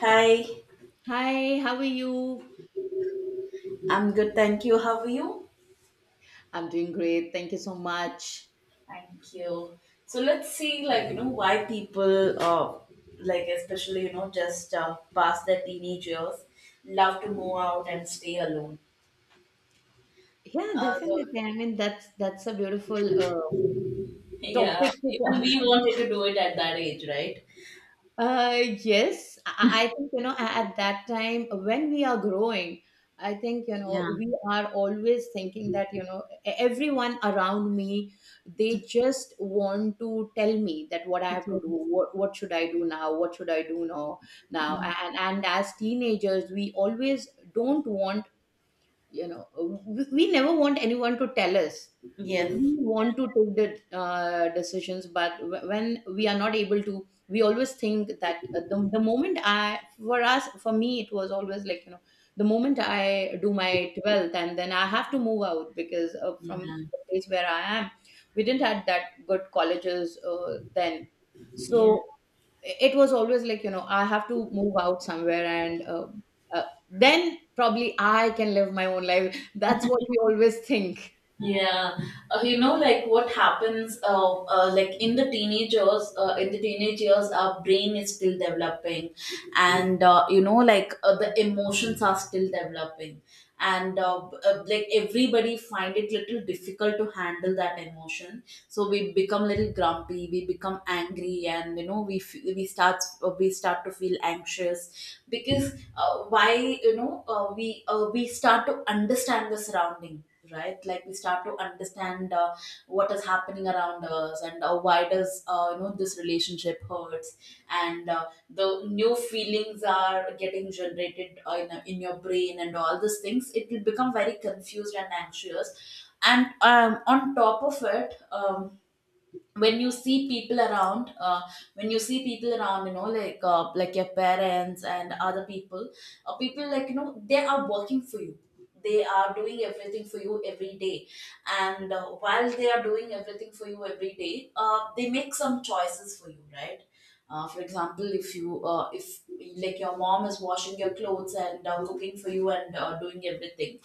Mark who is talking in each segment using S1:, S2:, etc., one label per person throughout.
S1: Hi,
S2: Hi, how are you?
S1: I'm good, thank you. How are you?
S2: I'm doing great. Thank you so much.
S1: Thank you. So let's see, like why people, like especially just past their teenage years, love to move out and stay alone.
S2: Yeah,
S1: So,
S2: definitely. I mean, that's a beautiful
S1: yeah,
S2: topic to
S1: even
S2: talk.
S1: we wanted to do it at that age, right?
S2: Uh, yes, I think you know at that time when we are growing, I think you
S1: Yeah.
S2: know we are always thinking that you know everyone around me they just want to tell me that what I have to do,
S1: Yes.
S2: what should I do now, what should I do now, and as teenagers we always don't want you know we never want anyone to tell us.
S1: Yes.
S2: We want to take the decisions, but when we are not able to, we always think that the moment I for us for me it was always like you know, the moment I do my 12th and then I have to move out because from
S1: Yeah.
S2: the place where I am we didn't have that good colleges, then,
S1: Yeah.
S2: so it was always like you know I have to move out somewhere and then probably I can live my own life. That's what we always think.
S1: Yeah, like what happens, like in the teenagers, in the teenage years, our brain is still developing, and like the emotions are still developing, and like everybody find it little difficult to handle that emotion. So we become little grumpy, we become angry, and we start to feel anxious because why we start to understand the surrounding, right? Like we start to understand what is happening around us, and why does this relationship hurts, and the new feelings are getting generated in your brain, and all these things, it will become very confused and anxious. And on top of it, when you see people around, when you see people around, like your parents and other people, people, like they are working for you, they are doing everything for you every day. And while they are doing everything for you every day, they make some choices for you, right? For example, if like your mom is washing your clothes and cooking for you and doing everything.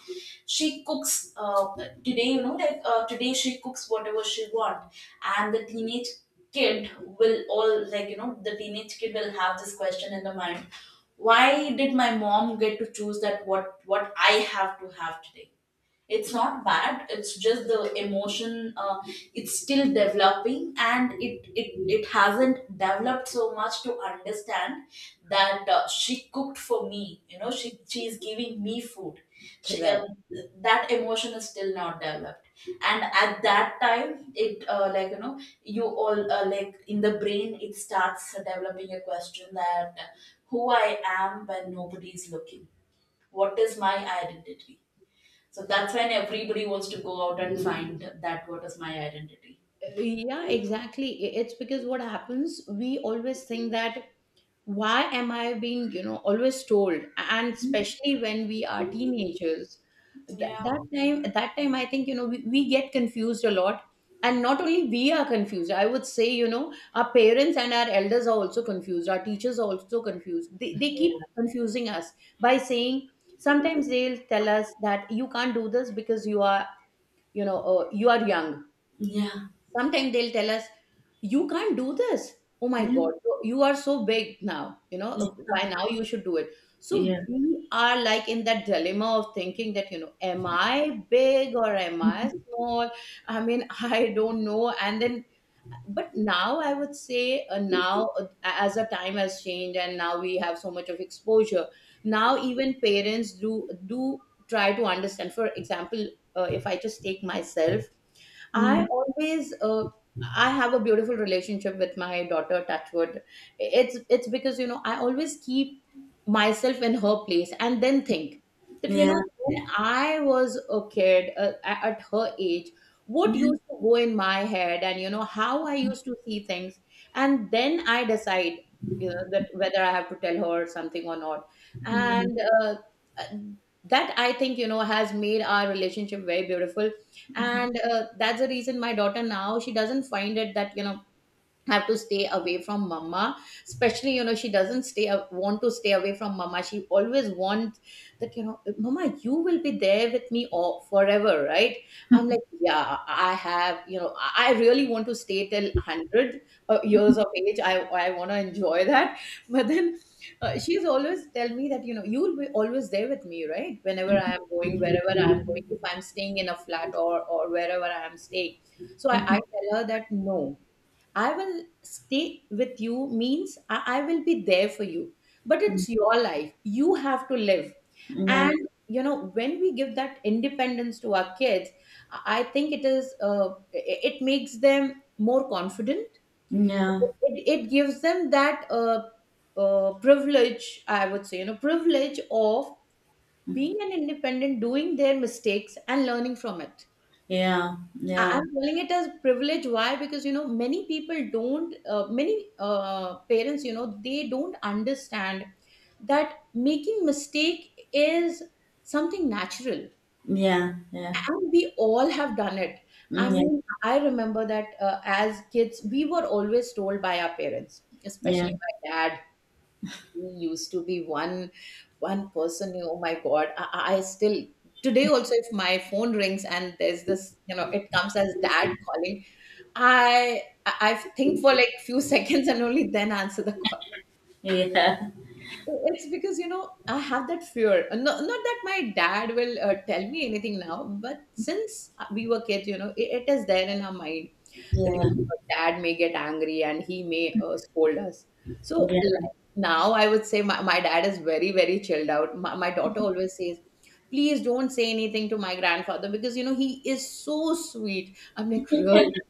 S1: She cooks, today, like today she cooks whatever she want, and the teenage kid will all, like the teenage kid will have this question in the mind: why did my mom get to choose that, what I have to have today? It's not bad, it's just the emotion, it's still developing, and it hasn't developed so much to understand that, she cooked for me, she is giving me food. she, uh,
S2: Correct.
S1: that emotion is still not developed, and at that time, it like you all like in the brain, it starts developing a question that, who I am when nobody is looking? What is my identity? So that's when everybody wants to go out and find that, what is my identity.
S2: Yeah, exactly. It's because what happens, we always think that why am I being, you know, always told, and especially when we are teenagers.
S1: Yeah.
S2: That time, at that time I think you know we get confused a lot. And not only we are confused, I would say, you know, our parents and our elders are also confused, our teachers are also confused, they keep confusing us by saying, sometimes they'll tell us that you can't do this because you are, you know, you are young.
S1: Yeah.
S2: Sometimes they'll tell us, you can't do this. Oh my
S1: Yeah.
S2: God, you are so big now. You know, by now you should do it. So
S1: Yeah.
S2: we are like in that dilemma of thinking that, you know, am I big or am I small? I mean, I don't know. And then, but now I would say, now as the time has changed and now we have so much of exposure, now even parents do try to understand. For example, if I just take myself, I
S1: Mm.
S2: always uh, I have a beautiful relationship with my daughter, Touchwood. It's because you know I always keep myself in her place and then think that you
S1: Yeah.
S2: know when I was a kid, at her age, what
S1: Yeah.
S2: used to go in my head and you know how I used to see things, and then I decide, you know, that whether I have to tell her something or not.
S1: Mm.
S2: And uh, that, I think you know, has made our relationship very beautiful.
S1: Mhm.
S2: And that's the reason my daughter now she doesn't find it that, you know, have to stay away from mama. Especially you know she doesn't stay want to stay away from mama, she always wants that you know, mama, you will be there with me all, forever, right? I'm like, yeah, I have you know I really want to stay till 100 years of age. I want to enjoy that. But then she's always tell me that, you know, you will be always there with me, right? Whenever I am going, wherever I am going, if I'm staying in a flat or wherever I am staying. So I
S1: Mhm.
S2: tell her that no, I will stay with you means I will be there for you. But
S1: Mhm.
S2: it's your life. You have to live.
S1: Yeah.
S2: And, you know, when we give that independence to our kids, I think it is, it makes them more confident.
S1: Yeah.
S2: It gives them that privilege, I would say, you know, privilege of being an independent, doing their mistakes and learning from it.
S1: Yeah.
S2: I'm calling it as privilege. Why? Because you know many people don't, many parents, you know, they don't understand that making mistake is something natural,
S1: Yeah. Yeah.
S2: and we all have done it. I
S1: Yeah.
S2: mean, I remember that as kids, we were always told by our parents, especially
S1: Yeah.
S2: my dad. He used to be one person. Oh my god, I still today also, if my phone rings and there's this, you know, it comes as dad calling, i i I think for like few seconds and only then answer the call.
S1: Yeah.
S2: It's because you know I have that fear. No, not that my dad will tell me anything now, but since we were kids you know it is there in our mind that you
S1: Yeah.
S2: know dad may get angry and he may scold us. So
S1: Yeah.
S2: like, now I would say my dad is very chilled out. My daughter always says, please don't say anything to my grandfather because you know he is so sweet. I'm like, really?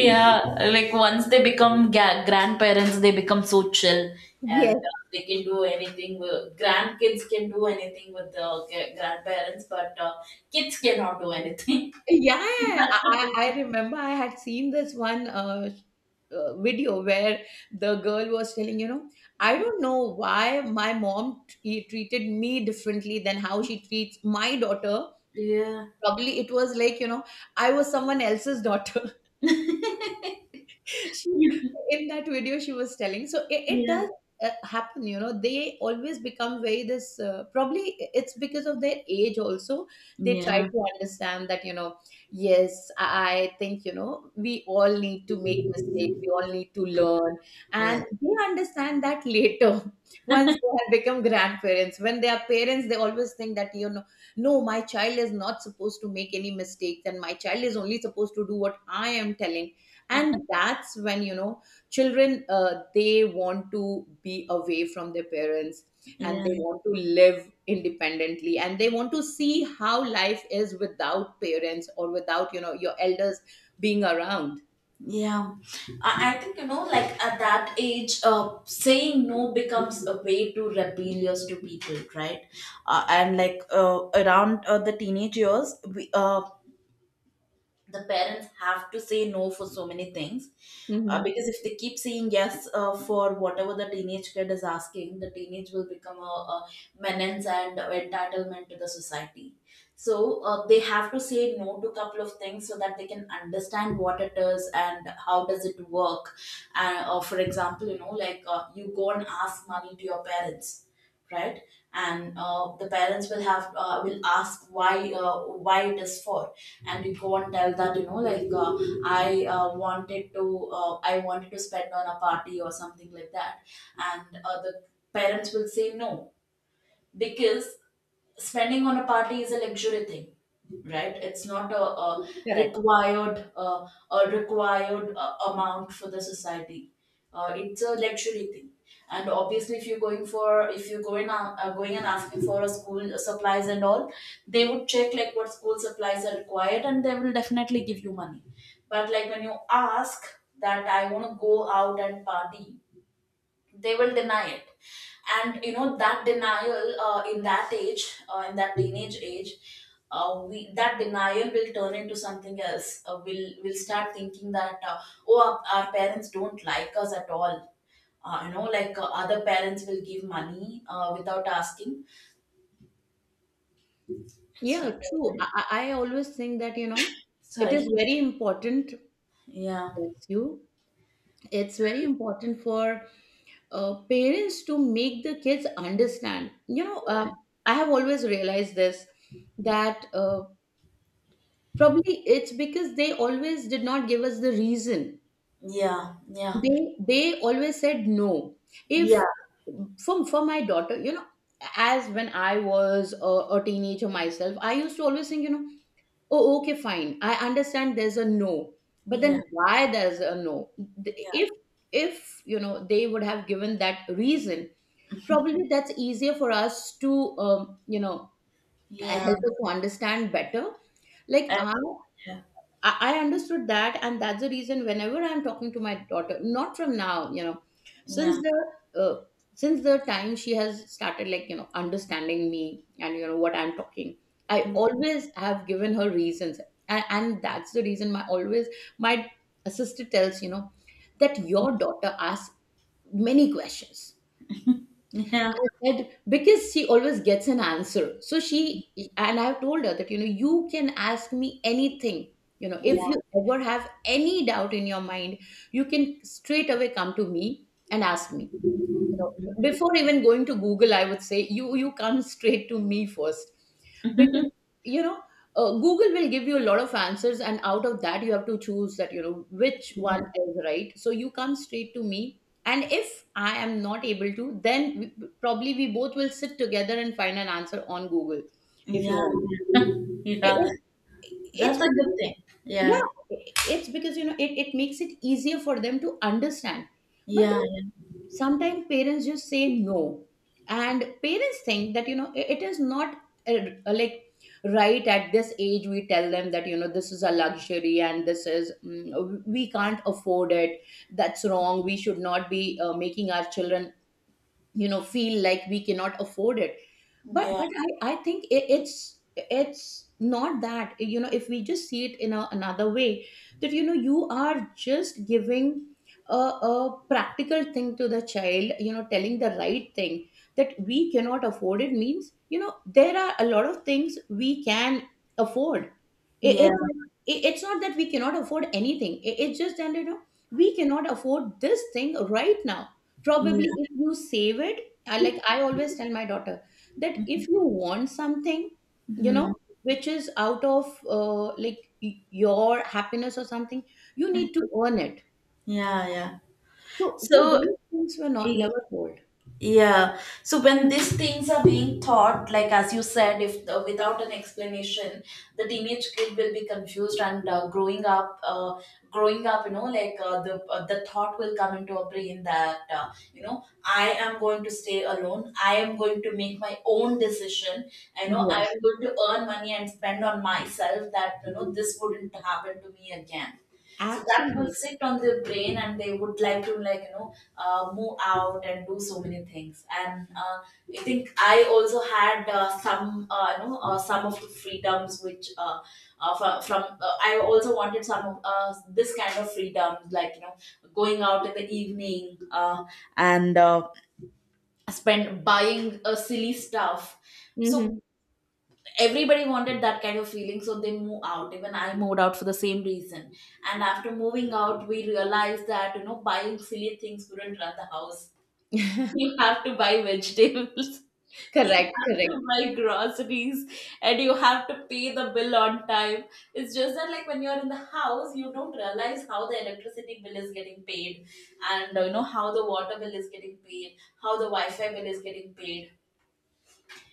S2: Yes.
S1: like once they become grandparents, they become so chill, and
S2: Yeah.
S1: they can do anything. Grandkids can do anything with the grandparents, but kids cannot do anything.
S2: I remember I had seen this one video where the girl was telling, you know, I don't know why my mom treated me differently than how she treats my daughter.
S1: Yeah,
S2: Probably it was like, you know, I was someone else's daughter. She In that video she was telling. So it
S1: yeah,
S2: does happen, you know. They always become very this, probably it's because of their age also. They try
S1: yeah,
S2: to understand that, you know, I think you know we all need to make mistakes, we all need to learn,
S1: yeah,
S2: and they understand that later. Once they have become grandparents, when they are parents they always think that, you know, no, my child is not supposed to make any mistakes, and my child is only supposed to do what I am telling. And that's when, you know, children they want to be away from their parents, and
S1: yeah.
S2: they want to live independently, and they want to see how life is without parents or without, you know, your elders being around.
S1: Yeah, I think like at that age, saying no becomes a way to rebellious to people, right? And like around the teenage years, we the parents have to say no for so many things,
S2: Hmm.
S1: because if they keep saying yes, for whatever the teenage kid is asking, the teenage will become a menace and entitlement to the society. So they have to say no to a couple of things so that they can understand what it is and how does it work. And for example, like you go and ask money to your parents, right? And the parents will ask why, why it is for. And we go and tell that, like i uh, wanted to I wanted to spend on a party or something like that. And the parents will say no, because spending on a party is a luxury thing, right? It's not
S2: Correct.
S1: required uh, a required amount for the society, it's a luxury thing. And obviously, if you're going for if you're going out, going and asking for a school supplies and all, they would check like what school supplies are required, and they will definitely give you money. But like when you ask that I want to go out and party, they will deny it. And that denial, in that teenage age, we that denial will turn into something else. We'll start thinking that, oh, our parents don't like us at all, like other parents will give money without asking.
S2: Yeah,
S1: Sorry.
S2: true. I always think that, you know, it
S1: Sorry.
S2: is very important.
S1: Yeah.
S2: Yes, you, it's very important for parents to make the kids understand. You know, I have always realized this, that probably it's because they always did not give us the reason.
S1: Yeah, yeah,
S2: They always said no.
S1: yeah,
S2: If, for for my daughter, you know, as when I was a teenager myself, I used to always think, you know, oh, okay, fine, I understand. There's a no, but
S1: yeah,
S2: then why there's a no?
S1: yeah,
S2: If if you know they would have given that reason, probably that's easier for us to, you know,
S1: yeah,
S2: help us to understand better. Like
S1: and- yeah,
S2: I understood that. And that's the reason whenever I'm talking to my daughter, not from now you know, since
S1: yeah.
S2: the uh, since the time she has started, like you know, understanding me and you know what I'm talking, I always have given her reasons. And that's the reason, my always my sister tells, you know, that your daughter asks many questions.
S1: Mm-hmm.
S2: I said because she always gets an answer. So she, and I've told her that you know you can ask me anything. You know, if you ever have any doubt in your mind, you can straight away come to me and ask me. You know, before even going to Google, I would say you come straight to me first,
S1: Yeah.
S2: because you know, google will give you a lot of answers, and out of that you have to choose that you know which one
S1: Yeah.
S2: is right. So you come straight to me, and if I am not able to, then probably we both will sit together and find an answer on Google if you
S1: Yeah.
S2: want. it,
S1: Yeah.
S2: it, it's
S1: That's a good
S2: because,
S1: thing. Yeah.
S2: yeah, it's because, you know, it makes it easier for them to understand. But
S1: Yeah.
S2: then sometimes parents just say no, and parents think that, you know, it is not, like, right at this age we tell them that, you know, this is a luxury and this is, mm, we can't afford it. That's wrong. We should not be making our children, you know, feel like we cannot afford it. but
S1: Yeah.
S2: but I think it's not that, you know, if we just see it in a, another way, that you know you are just giving a practical thing to the child, you know, telling the right thing. That we cannot afford it means, you know, there are a lot of things we can afford. it, it,
S1: Yeah.
S2: it- it's not that we cannot afford anything. It's just that you know we cannot afford this thing right now. Probably
S1: Yeah.
S2: if you save it. I, like, I always tell my daughter that
S1: Yeah.
S2: if you want something, you
S1: Mhm.
S2: know, which is out of your happiness or something, you need to earn it.
S1: Yeah. Yeah.
S2: So, So
S1: So,
S2: those things were not
S1: eh,
S2: never told.
S1: yeah. So when these things are being taught, like as you said, if without an explanation, the teenage kid will be confused, and growing up, like the thought will come into a brain that, I am going to stay alone. I am going to make my own decision. I know
S2: Yeah,
S1: I am going to earn money and spend on myself. That, this wouldn't happen to me again. So that will
S2: absolutely.
S1: sit on their brain, and they would like to, like move out and do so many things. And I think I also had some, some of the freedoms which from I also wanted some of this kind of freedom, like going out in the evening, and spend buying silly stuff. So
S2: Mhm.
S1: everybody wanted that kind of feeling, so they move out. Even I moved out for the same reason, and after moving out we realized that, buying silly things wouldn't run the house. You have to buy vegetables. You
S2: Correct,
S1: have to
S2: correct.
S1: buy groceries, and you have to pay the bill on time. It's just that, like when you're in the house, you don't realize how the electricity bill is getting paid, and how the water bill is getting paid, how the wi-fi bill is getting paid.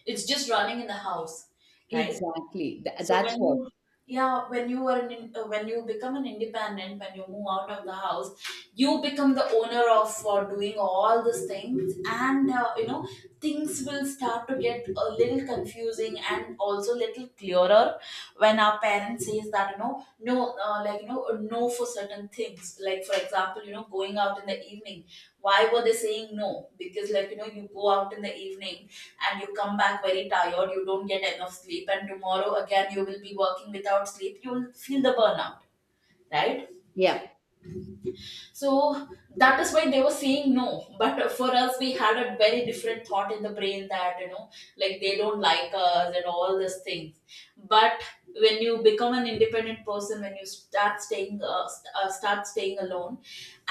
S1: It's just running in the house, right?
S2: Exactly,
S1: So
S2: that's
S1: when
S2: what.
S1: you yeah, when you become an independent, when you move out of the house, you become the owner of doing all these things, and things will start to get a little confusing, and also little clearer. When our parents says that, no, like no, for certain things, like for example, going out in the evening, why were they saying no? Because, like you go out in the evening and you come back very tired, you don't get enough sleep, and tomorrow again you will be working without sleep, you will feel the burnout, right?
S2: Yeah,
S1: So that is why they were saying no. But for us, we had a very different thought in the brain, that, like they don't like us, and all these things. But when you become an independent person, when you start staying alone,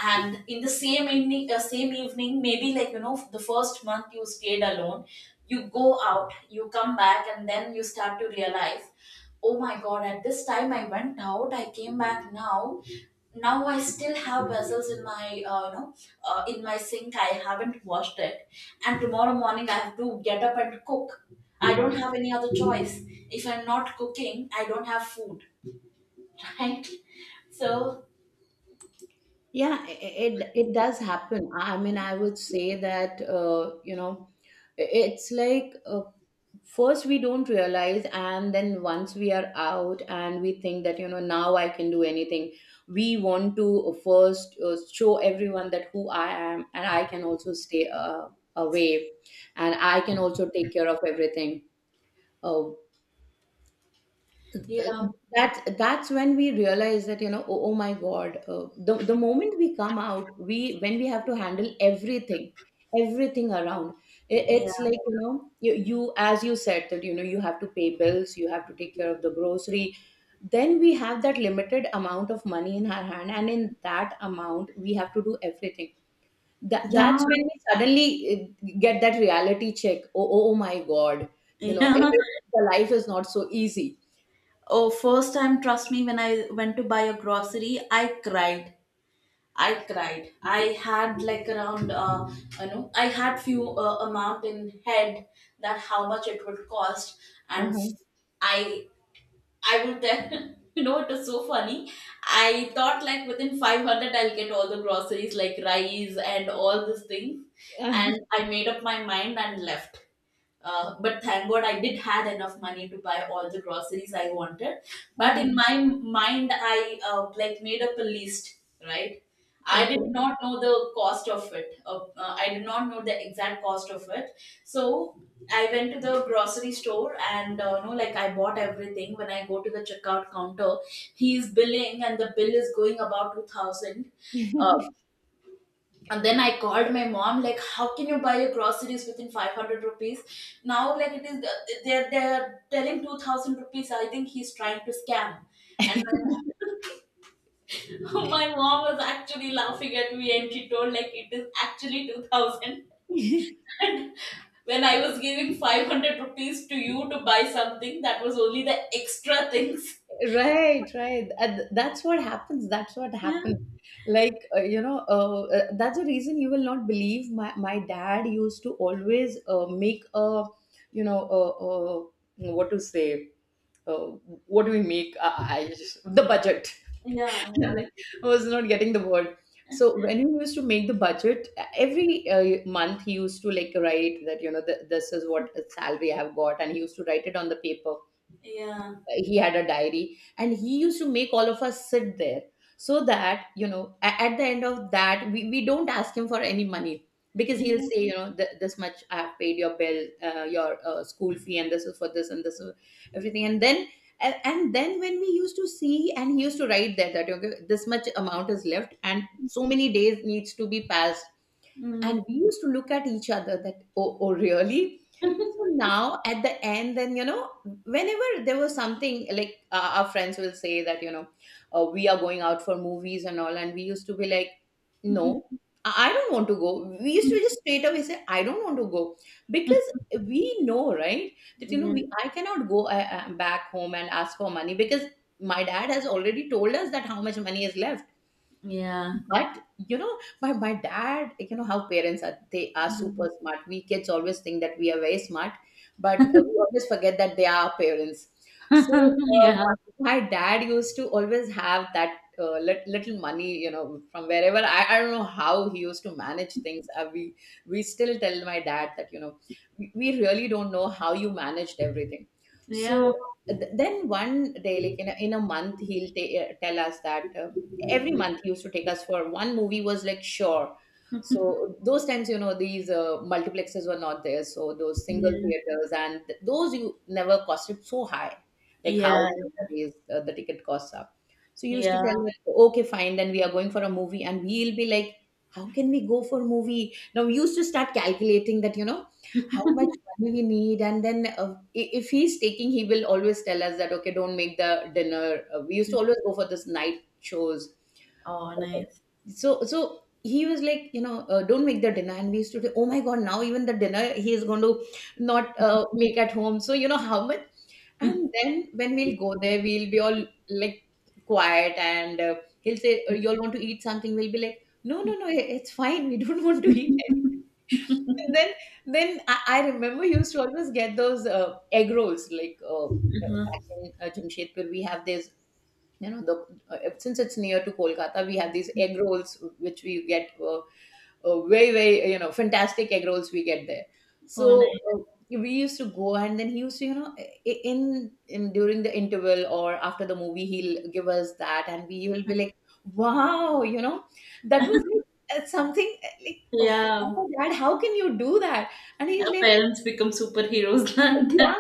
S1: and in the same evening, maybe like the first month you stayed alone, you go out, you come back, and then you start to realize, oh my god, at this time I went out, I came back, now I still have vessels in my, uh, you know in my sink, I haven't washed it, and tomorrow morning I have to get up and cook. I don't have any other choice. If I'm not cooking, I don't have food. Right? So
S2: yeah, it it does happen. I I mean, I would say that you know, it's like first we don't realize, and then once we are out and we think that you know now I can do anything. We want to first show everyone that who I am, and I can also stay away, and I can also take care of everything. uh, uh,
S1: yeah.
S2: that's when we realize that you know oh, oh my god, the moment we come out, we when we have to handle everything, everything around.
S1: Yeah.
S2: It's like you know you, as you said that you know you have to pay bills, you have to take care of the grocery. Then we have that limited amount of money in our hand, and in that amount we have to do everything. that,
S1: Yeah.
S2: that's when we suddenly get that reality check. Oh, oh, oh my god, you know,
S1: Yeah.
S2: the life is not so easy.
S1: Oh, first time, trust me, when I went to buy a grocery, I cried. I cried. I had like around, I had few amount in head, that how much it would cost. And
S2: Uh-huh.
S1: I, I would then, it was so funny. I thought like within 500 I'll get all the groceries, like rice and all these things, and I made up my mind and left. But thank God, I did had enough money to buy all the groceries I wanted. But in
S2: Uh-huh.
S1: my mind, I like made up a list, right? I did not know the cost of it. I did not know the exact cost of it. So I went to the grocery store, and no, like I bought everything. When I go to the checkout counter, he is billing, and the bill is going about 2000. uh,
S2: Okay.
S1: and then I called my mom, like, how can you buy your groceries within 500 rupees now? Like, it is... they're telling 2000 rupees. I think he's trying to scam. And my, my mom was actually laughing at me, and she told, like, it is actually 2000. And when I was giving 500 rupees to you to buy something, that was only the extra things.
S2: Right, right. And that's what happens. That's what
S1: Yeah.
S2: happens. Like, that's the reason you will not believe. My dad used to always make a, you know, uh, uh, what to say, uh, what do we make? I just, the budget.
S1: Yeah,
S2: Like, I was not getting the word. So when he used to make the budget, every month, he used to like write that, you know, th this is what salary I've got, and he used to write it on the paper.
S1: yeah, yeah,
S2: He had a diary, and he used to make all of us sit there, so that you know at the end of that, we don't ask him for any money, because he'll
S1: yeah.
S2: say you know this much I have paid your bill, your school fee, and this is for this, and this is everything. And then and then when we used to see, and he used to write there that okay this much amount is left, and so many days needs to be passed,
S1: Mm.
S2: and we used to look at each other that oh, oh really. So now at the end, then you know, whenever there was something like our friends will say that you know, we are going out for movies and all, and we used to be like, no, I don't want to go. We used to
S1: Yeah,
S2: just straight away say, I don't want to go, because we know, right, that you know, we I cannot go back home and ask for money, because my dad has already told us that how much money is left.
S1: yeah.
S2: But you know, my dad, you know how parents are, they are
S1: Mm.
S2: super smart. We kids always think that we are very smart, but we always forget that they are our parents. So
S1: Yeah,
S2: my dad used to always have that little money, you know, from wherever. I don't know how he used to manage things. We still tell my dad that you know we really don't know how you managed everything.
S1: yeah,
S2: So then one day, like in a month, tell us that. Every month he used to take us for one movie, was like sure. So those times you know these multiplexes were not there, so those single
S1: yeah,
S2: theaters and those you never costed so high, like how
S1: yeah,
S2: nowadays the ticket costs up. So he used to
S1: yeah.
S2: tell me, okay fine, then we are going for a movie, and we'll be like, how can we go for movie now? We used to start calculating that you know how much money we need. And then if he's taking, he will always tell us that okay don't make the dinner, we used to always go for this night shows.
S1: Oh, nice.
S2: So so he was like, you know, don't make the dinner, and we used to say, oh my god, now even the dinner he is going to not make at home. So you know how much. And then when we'll go there, we'll be all like quiet, and he'll say, you all want to eat something?" We'll be like, no, no, no, it's fine. We don't want to eat anything. And then I remember you used to always get those egg rolls like.
S1: Huh.
S2: Back in Jamshedpur, we have this, you know, the since it's near to Kolkata, we have these egg rolls which we get very very you know fantastic egg rolls we get there.
S1: Oh,
S2: So
S1: nice.
S2: we used to go, and then he used to you know in during the interval or after the movie, he'll give us that, and we will be like wow, you know, that was like, something like oh,
S1: Yeah,
S2: wow, dad how can you do that. And he's
S1: our
S2: like
S1: parents become superheroes like that.
S2: yeah,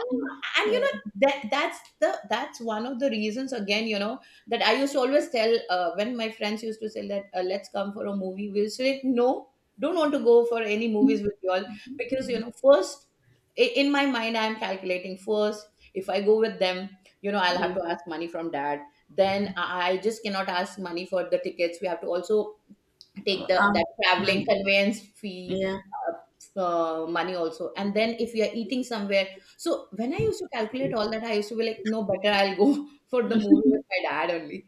S2: and you
S1: Yeah,
S2: know that that's one of the reasons again, you know, that I used to always tell when my friends used to say that let's come for a movie, we'll say no, don't want to go for any movies with y'all, because you know first in my mind I'm calculating first, if I go with them, you know, I'll
S1: yeah.
S2: have to ask money from dad. Then I just cannot ask money for the tickets. We have to also take the
S1: Um,
S2: that traveling
S1: um,
S2: conveyance fee
S1: yeah,
S2: uh, money also. And then if you are eating somewhere. So when I used to calculate all that, I used to be like no, better I'll go for the movie with my dad only.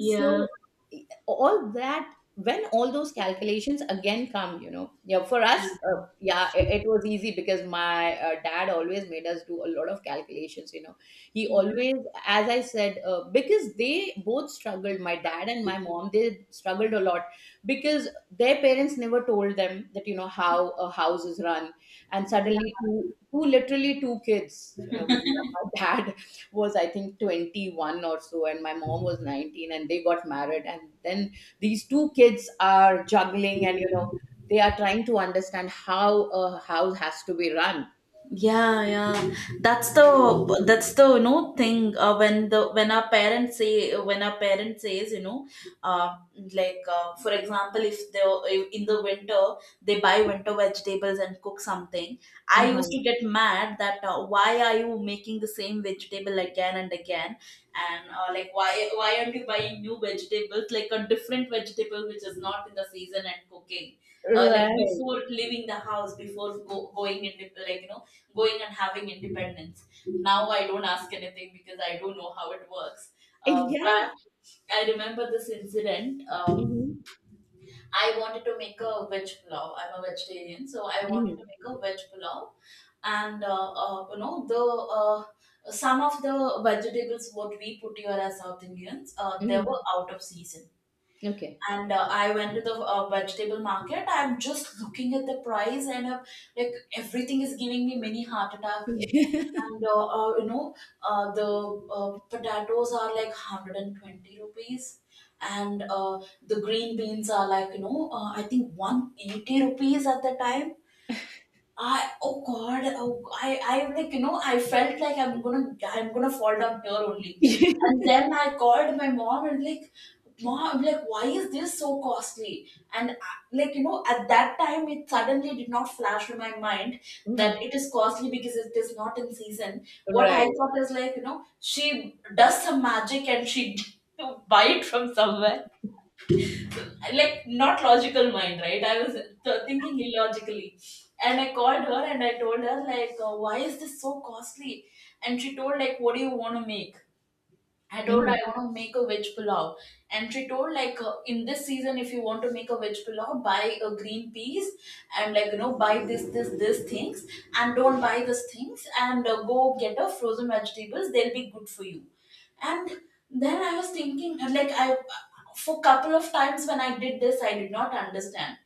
S2: So all that when all those calculations again come, you know, yeah, for us yeah, it was easy, because my dad always made us do a lot of calculations, you know. He always, as I said because they both struggled, my dad and my mom, they struggled a lot, because their parents never told them that you know how a house is run. And suddenly two two literally two kids, you know, my dad was I think 21 or so, and my mom was 19, and they got married. And then these two kids are juggling, and you know they are trying to understand how a house has to be run.
S1: Yeah, yeah, that's the thing, when the... when our parents say, when our parents says, you know, uh, like, for example, if they... if in the winter they buy winter vegetables and cook something, I used
S2: Uh-huh.
S1: to get mad that, why are you making the same vegetable again and again? And, like, why aren't you buying new vegetables, like a different vegetable which is not in the season and cooking. Like,
S2: Right.
S1: before leaving the house, before going in, like, you know, going and having independence, now I don't ask anything because I don't know how it works.
S2: Yeah.
S1: But I remember this incident. Um,
S2: Mm-hmm.
S1: I wanted to make a veg pulao. I'm a vegetarian, so I wanted to
S2: Mm-hmm.
S1: make a veg pulao. And, you know, the, uh, some of the vegetables what we put here as south indians, they were
S2: Mm-hmm.
S1: out of season.
S2: Okay.
S1: And, I went to the, vegetable market. I'm just looking at the price, and, like, everything is giving me mini heart attack. And, you know, the, potatoes are like 120 rupees, and, the green beans are like, you know, I think 180 rupees at the time. I... oh god, oh, I like, you know, I felt like I'm gonna fall down here only, and then I called my mom and, like, mom, like, why is this so costly? And I... like, you know, at that time it suddenly did not flash to my mind that
S2: Mhm.
S1: it is costly because it is not in season. What I
S2: Right.
S1: thought is, like, you know, she does some magic and she buy it from somewhere, like, not logical mind, right? I was thinking illogically. And I called her and I told her, like, why is this so costly? And she told, like, what do you want to make? I told her
S2: Mhm.
S1: I want to make a veg pulao, and she told, like, in this season, if you want to make a veg pulao, buy a green peas and, like, you know, buy this things, and don't buy these things, and, go get a frozen vegetables. They'll be good for you. And then I was thinking, like, I... for couple of times when I did this, I did not understand,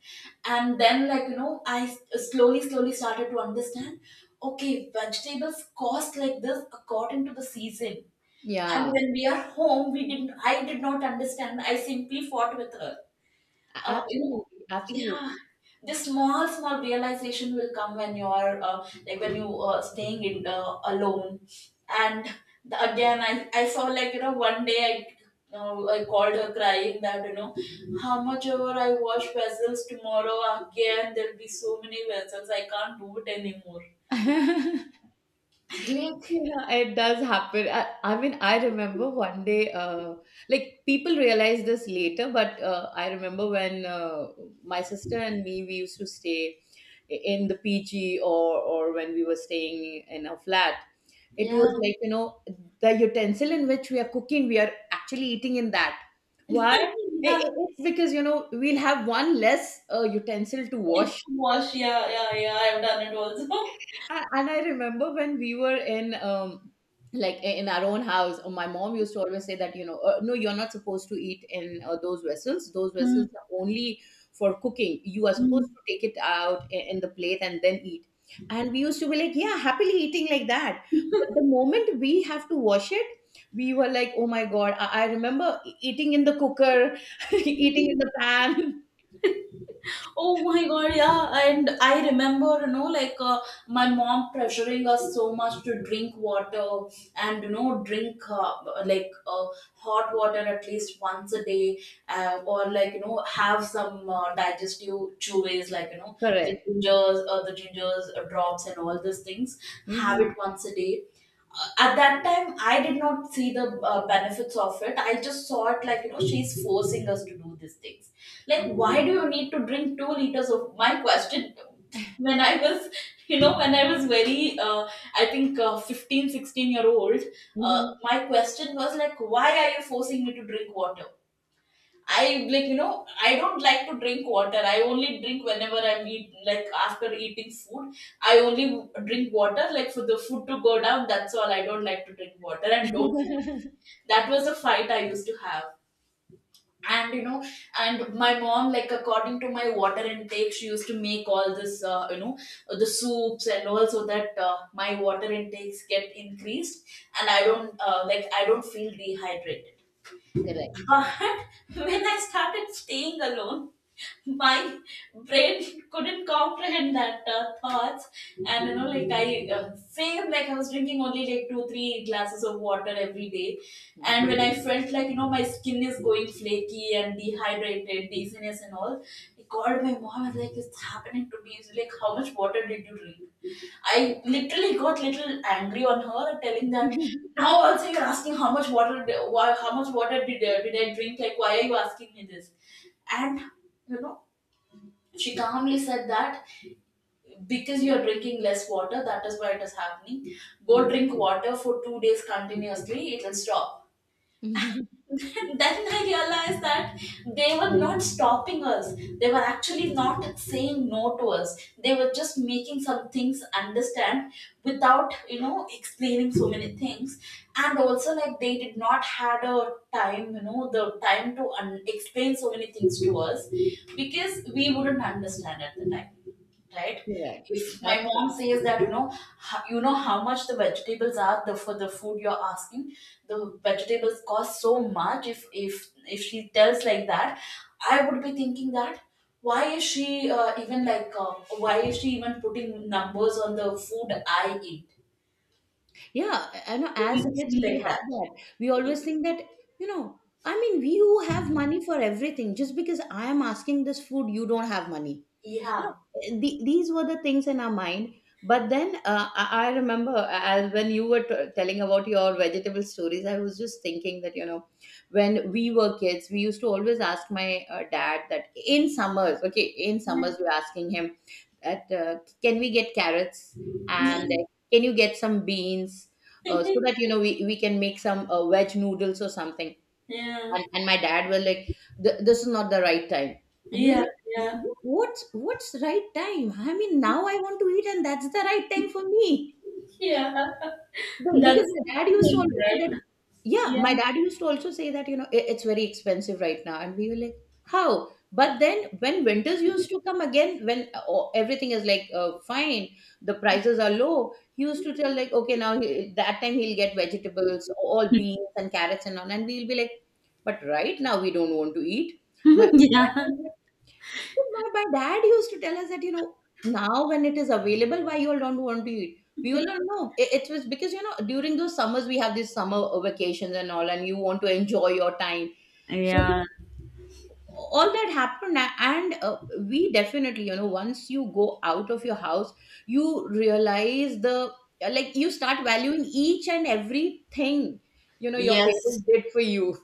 S1: and then, like, you know, I slowly slowly started to understand. Okay, vegetables cost like this according to the season. And
S2: Yeah.
S1: when we are home, we didn't I did not understand, I simply fought with her. You know,
S2: Absolutely,
S1: yeah,
S2: absolutely.
S1: the small small realization will come when you are, like, when you, staying in, alone. And the... again, I saw, like, you know, one day I called her crying that, you know, how much ever I wash vessels tomorrow, again there'll be so many vessels. I can't do it anymore.
S2: Yeah, it does happen. I mean, I remember one day, like people realize this later, but I remember when my sister and me, we used to stay in the PG, or when we were staying in a flat. It
S1: Yeah.
S2: was like, you know, the utensil in which we are cooking, we are actually eating in that. Why?
S1: Yeah.
S2: It's because, you know, we'll have one less utensil to
S1: It's
S2: wash.
S1: wash, yeah, yeah, yeah. I've done it also.
S2: And I remember when we were in, like in our own house, my mom used to always say that, you know, no, you're not supposed to eat in those vessels. Those
S1: Hmm.
S2: vessels are only for cooking. You are supposed
S1: Mm.
S2: to take it out in the plate and then eat. And we used to be like, yeah, happily eating like that. But the moment we have to wash it, we were like, oh my God, I remember eating in the cooker, eating in the pan.
S1: Oh my god, yeah. And I remember, you know, like, my mom pressuring us so much to drink water and, you know, drink, like, hot water at least once a day, or, like, you know, have some, digestive chewables, like, you know, the
S2: Correct.
S1: gingers, uh, the gingers drops and all these things. Have
S2: Hmm.
S1: it once a day. At that time I did not see the, benefits of it, I just saw it like, you know, she's forcing us to do these things, like, why do you need to drink 2 liters? Of my question when I was... you know, when I was very, I think, 15 16 year old, uh,
S2: Hmm.
S1: my question was, like, why are you forcing me to drink water? I, like, you know, I don't like to drink water. I only drink whenever I'm eat like after eating food. I only drink water like for the food to go down. That's all. I don't like to drink water, and don't force. That was a fight I used to have. And, you know, and my mom, like, according to my water intake, she used to make all this, you know, the soups, and also that, my water intakes get increased and I don't, like, I don't feel dehydrated.
S2: Correct.
S1: But when I started staying alone, my brain couldn't comprehend that, thoughts. And, you know, like, I feel like I was drinking only like 2 3 glasses of water every day. And when I felt like, you know, my skin is going flaky and dehydrated, dizziness and all, I called my mom. I was like, it's happening to me. She's like, how much water did you drink? I literally got little angry on her, telling that,
S2: Mhm.
S1: now also you're asking how much water? Why, how much water did I drink? Like, why are you asking me this? And, you know, she calmly said that because you're drinking less water, that is why it is happening. Go drink water for 2 days continuously, it'll stop. Then I realized that they were not stopping us. They were actually not saying no to us. They were just making some things understand without, you know, explaining so many things. And also, like, they did not had a time, you know, the time to explain so many things to us because we wouldn't understand at the time, right?
S2: Correct.
S1: If my
S2: That's
S1: mom
S2: it.
S1: says that, you know, you know, how much the vegetables are, the for the food you're asking, the vegetables cost so much. If if she tells like that, I would be thinking that why is she, even, like, why is she even putting numbers on the food I eat?
S2: Yeah, I know,
S1: We
S2: as
S1: would
S2: kids
S1: feel
S2: we
S1: like that.
S2: have that. We always think that, you know, I mean, we who have money for everything, just because I am asking this food, you don't have money. You
S1: Yeah,
S2: know, these were the things in our mind. But then I remember as when you were telling about your vegetable stories, I was just thinking that, you know, when we were kids, we used to always ask my dad that in summers, okay, in summers, we were asking him that, can we get carrots, and can you get some beans, so that, you know, we can make some veg noodles or something.
S1: yeah,
S2: And my dad were like, This is not the right time." And we're
S1: yeah,
S2: like,
S1: yeah,
S2: What's right time? I mean, now I want to eat, and that's the right time for me."
S1: yeah.
S2: No, because
S1: That's the
S2: my dad used to
S1: thing,
S2: always say that,
S1: right?
S2: yeah, my
S1: Yeah.
S2: dad used to also say that, you know, It's very expensive right now." And we were like, how? But then when winters used to come again, when oh, everything is like fine, the prices are low, he used to tell, like, okay, now he, that time he'll get vegetables, all beans and carrots and all. And we'll be like, but right now we don't want to eat. My
S1: Yeah,
S2: so my dad used to tell us that, you know, now when it is available, why you all don't want to eat? We will not know. It was because, you know, during those summers, we have these summer vacations and all, and you want to enjoy your time. So
S1: yeah,
S2: all that happened. And we definitely, you know, once you go out of your house, you realize the, like, you start valuing each and everything, you know, your
S1: yes.
S2: parents did for you.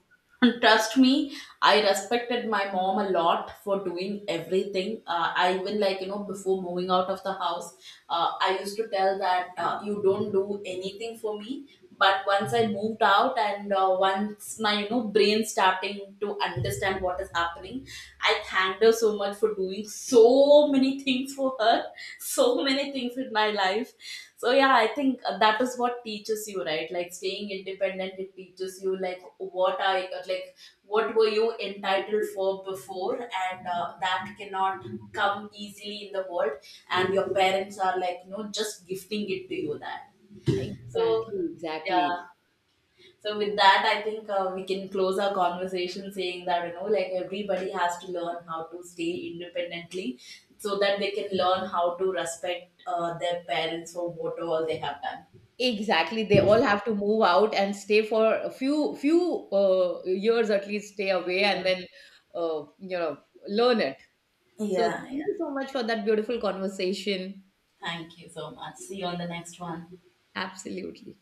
S1: Trust me, I respected my mom a lot for doing everything. I even, like, you know, before moving out of the house, I used to tell that, you don't do anything for me. But once I moved out and, once my, you know, brain starting to understand what is happening, I thanked her so much for doing so many things for her, so many things in my life. So yeah, I think, that is what teaches you, right? Like, staying independent, it teaches you like what I, like, what were you entitled for before, and, that cannot come easily in the world, and your parents are like, you know, just gifting it to you, that. So
S2: Exactly,
S1: yeah,
S2: exactly.
S1: so with that, I think, we can close our conversation saying that, you know, like, everybody has to learn how to stay independently so that they can learn how to respect, their parents for whatever they have done.
S2: Exactly, they all have to move out and stay for a few years at least, stay away and then you know learn it. So
S1: Yeah, yeah.
S2: thank you so much for that beautiful conversation.
S1: Thank you so much. See you on the next one.
S2: Absolutely.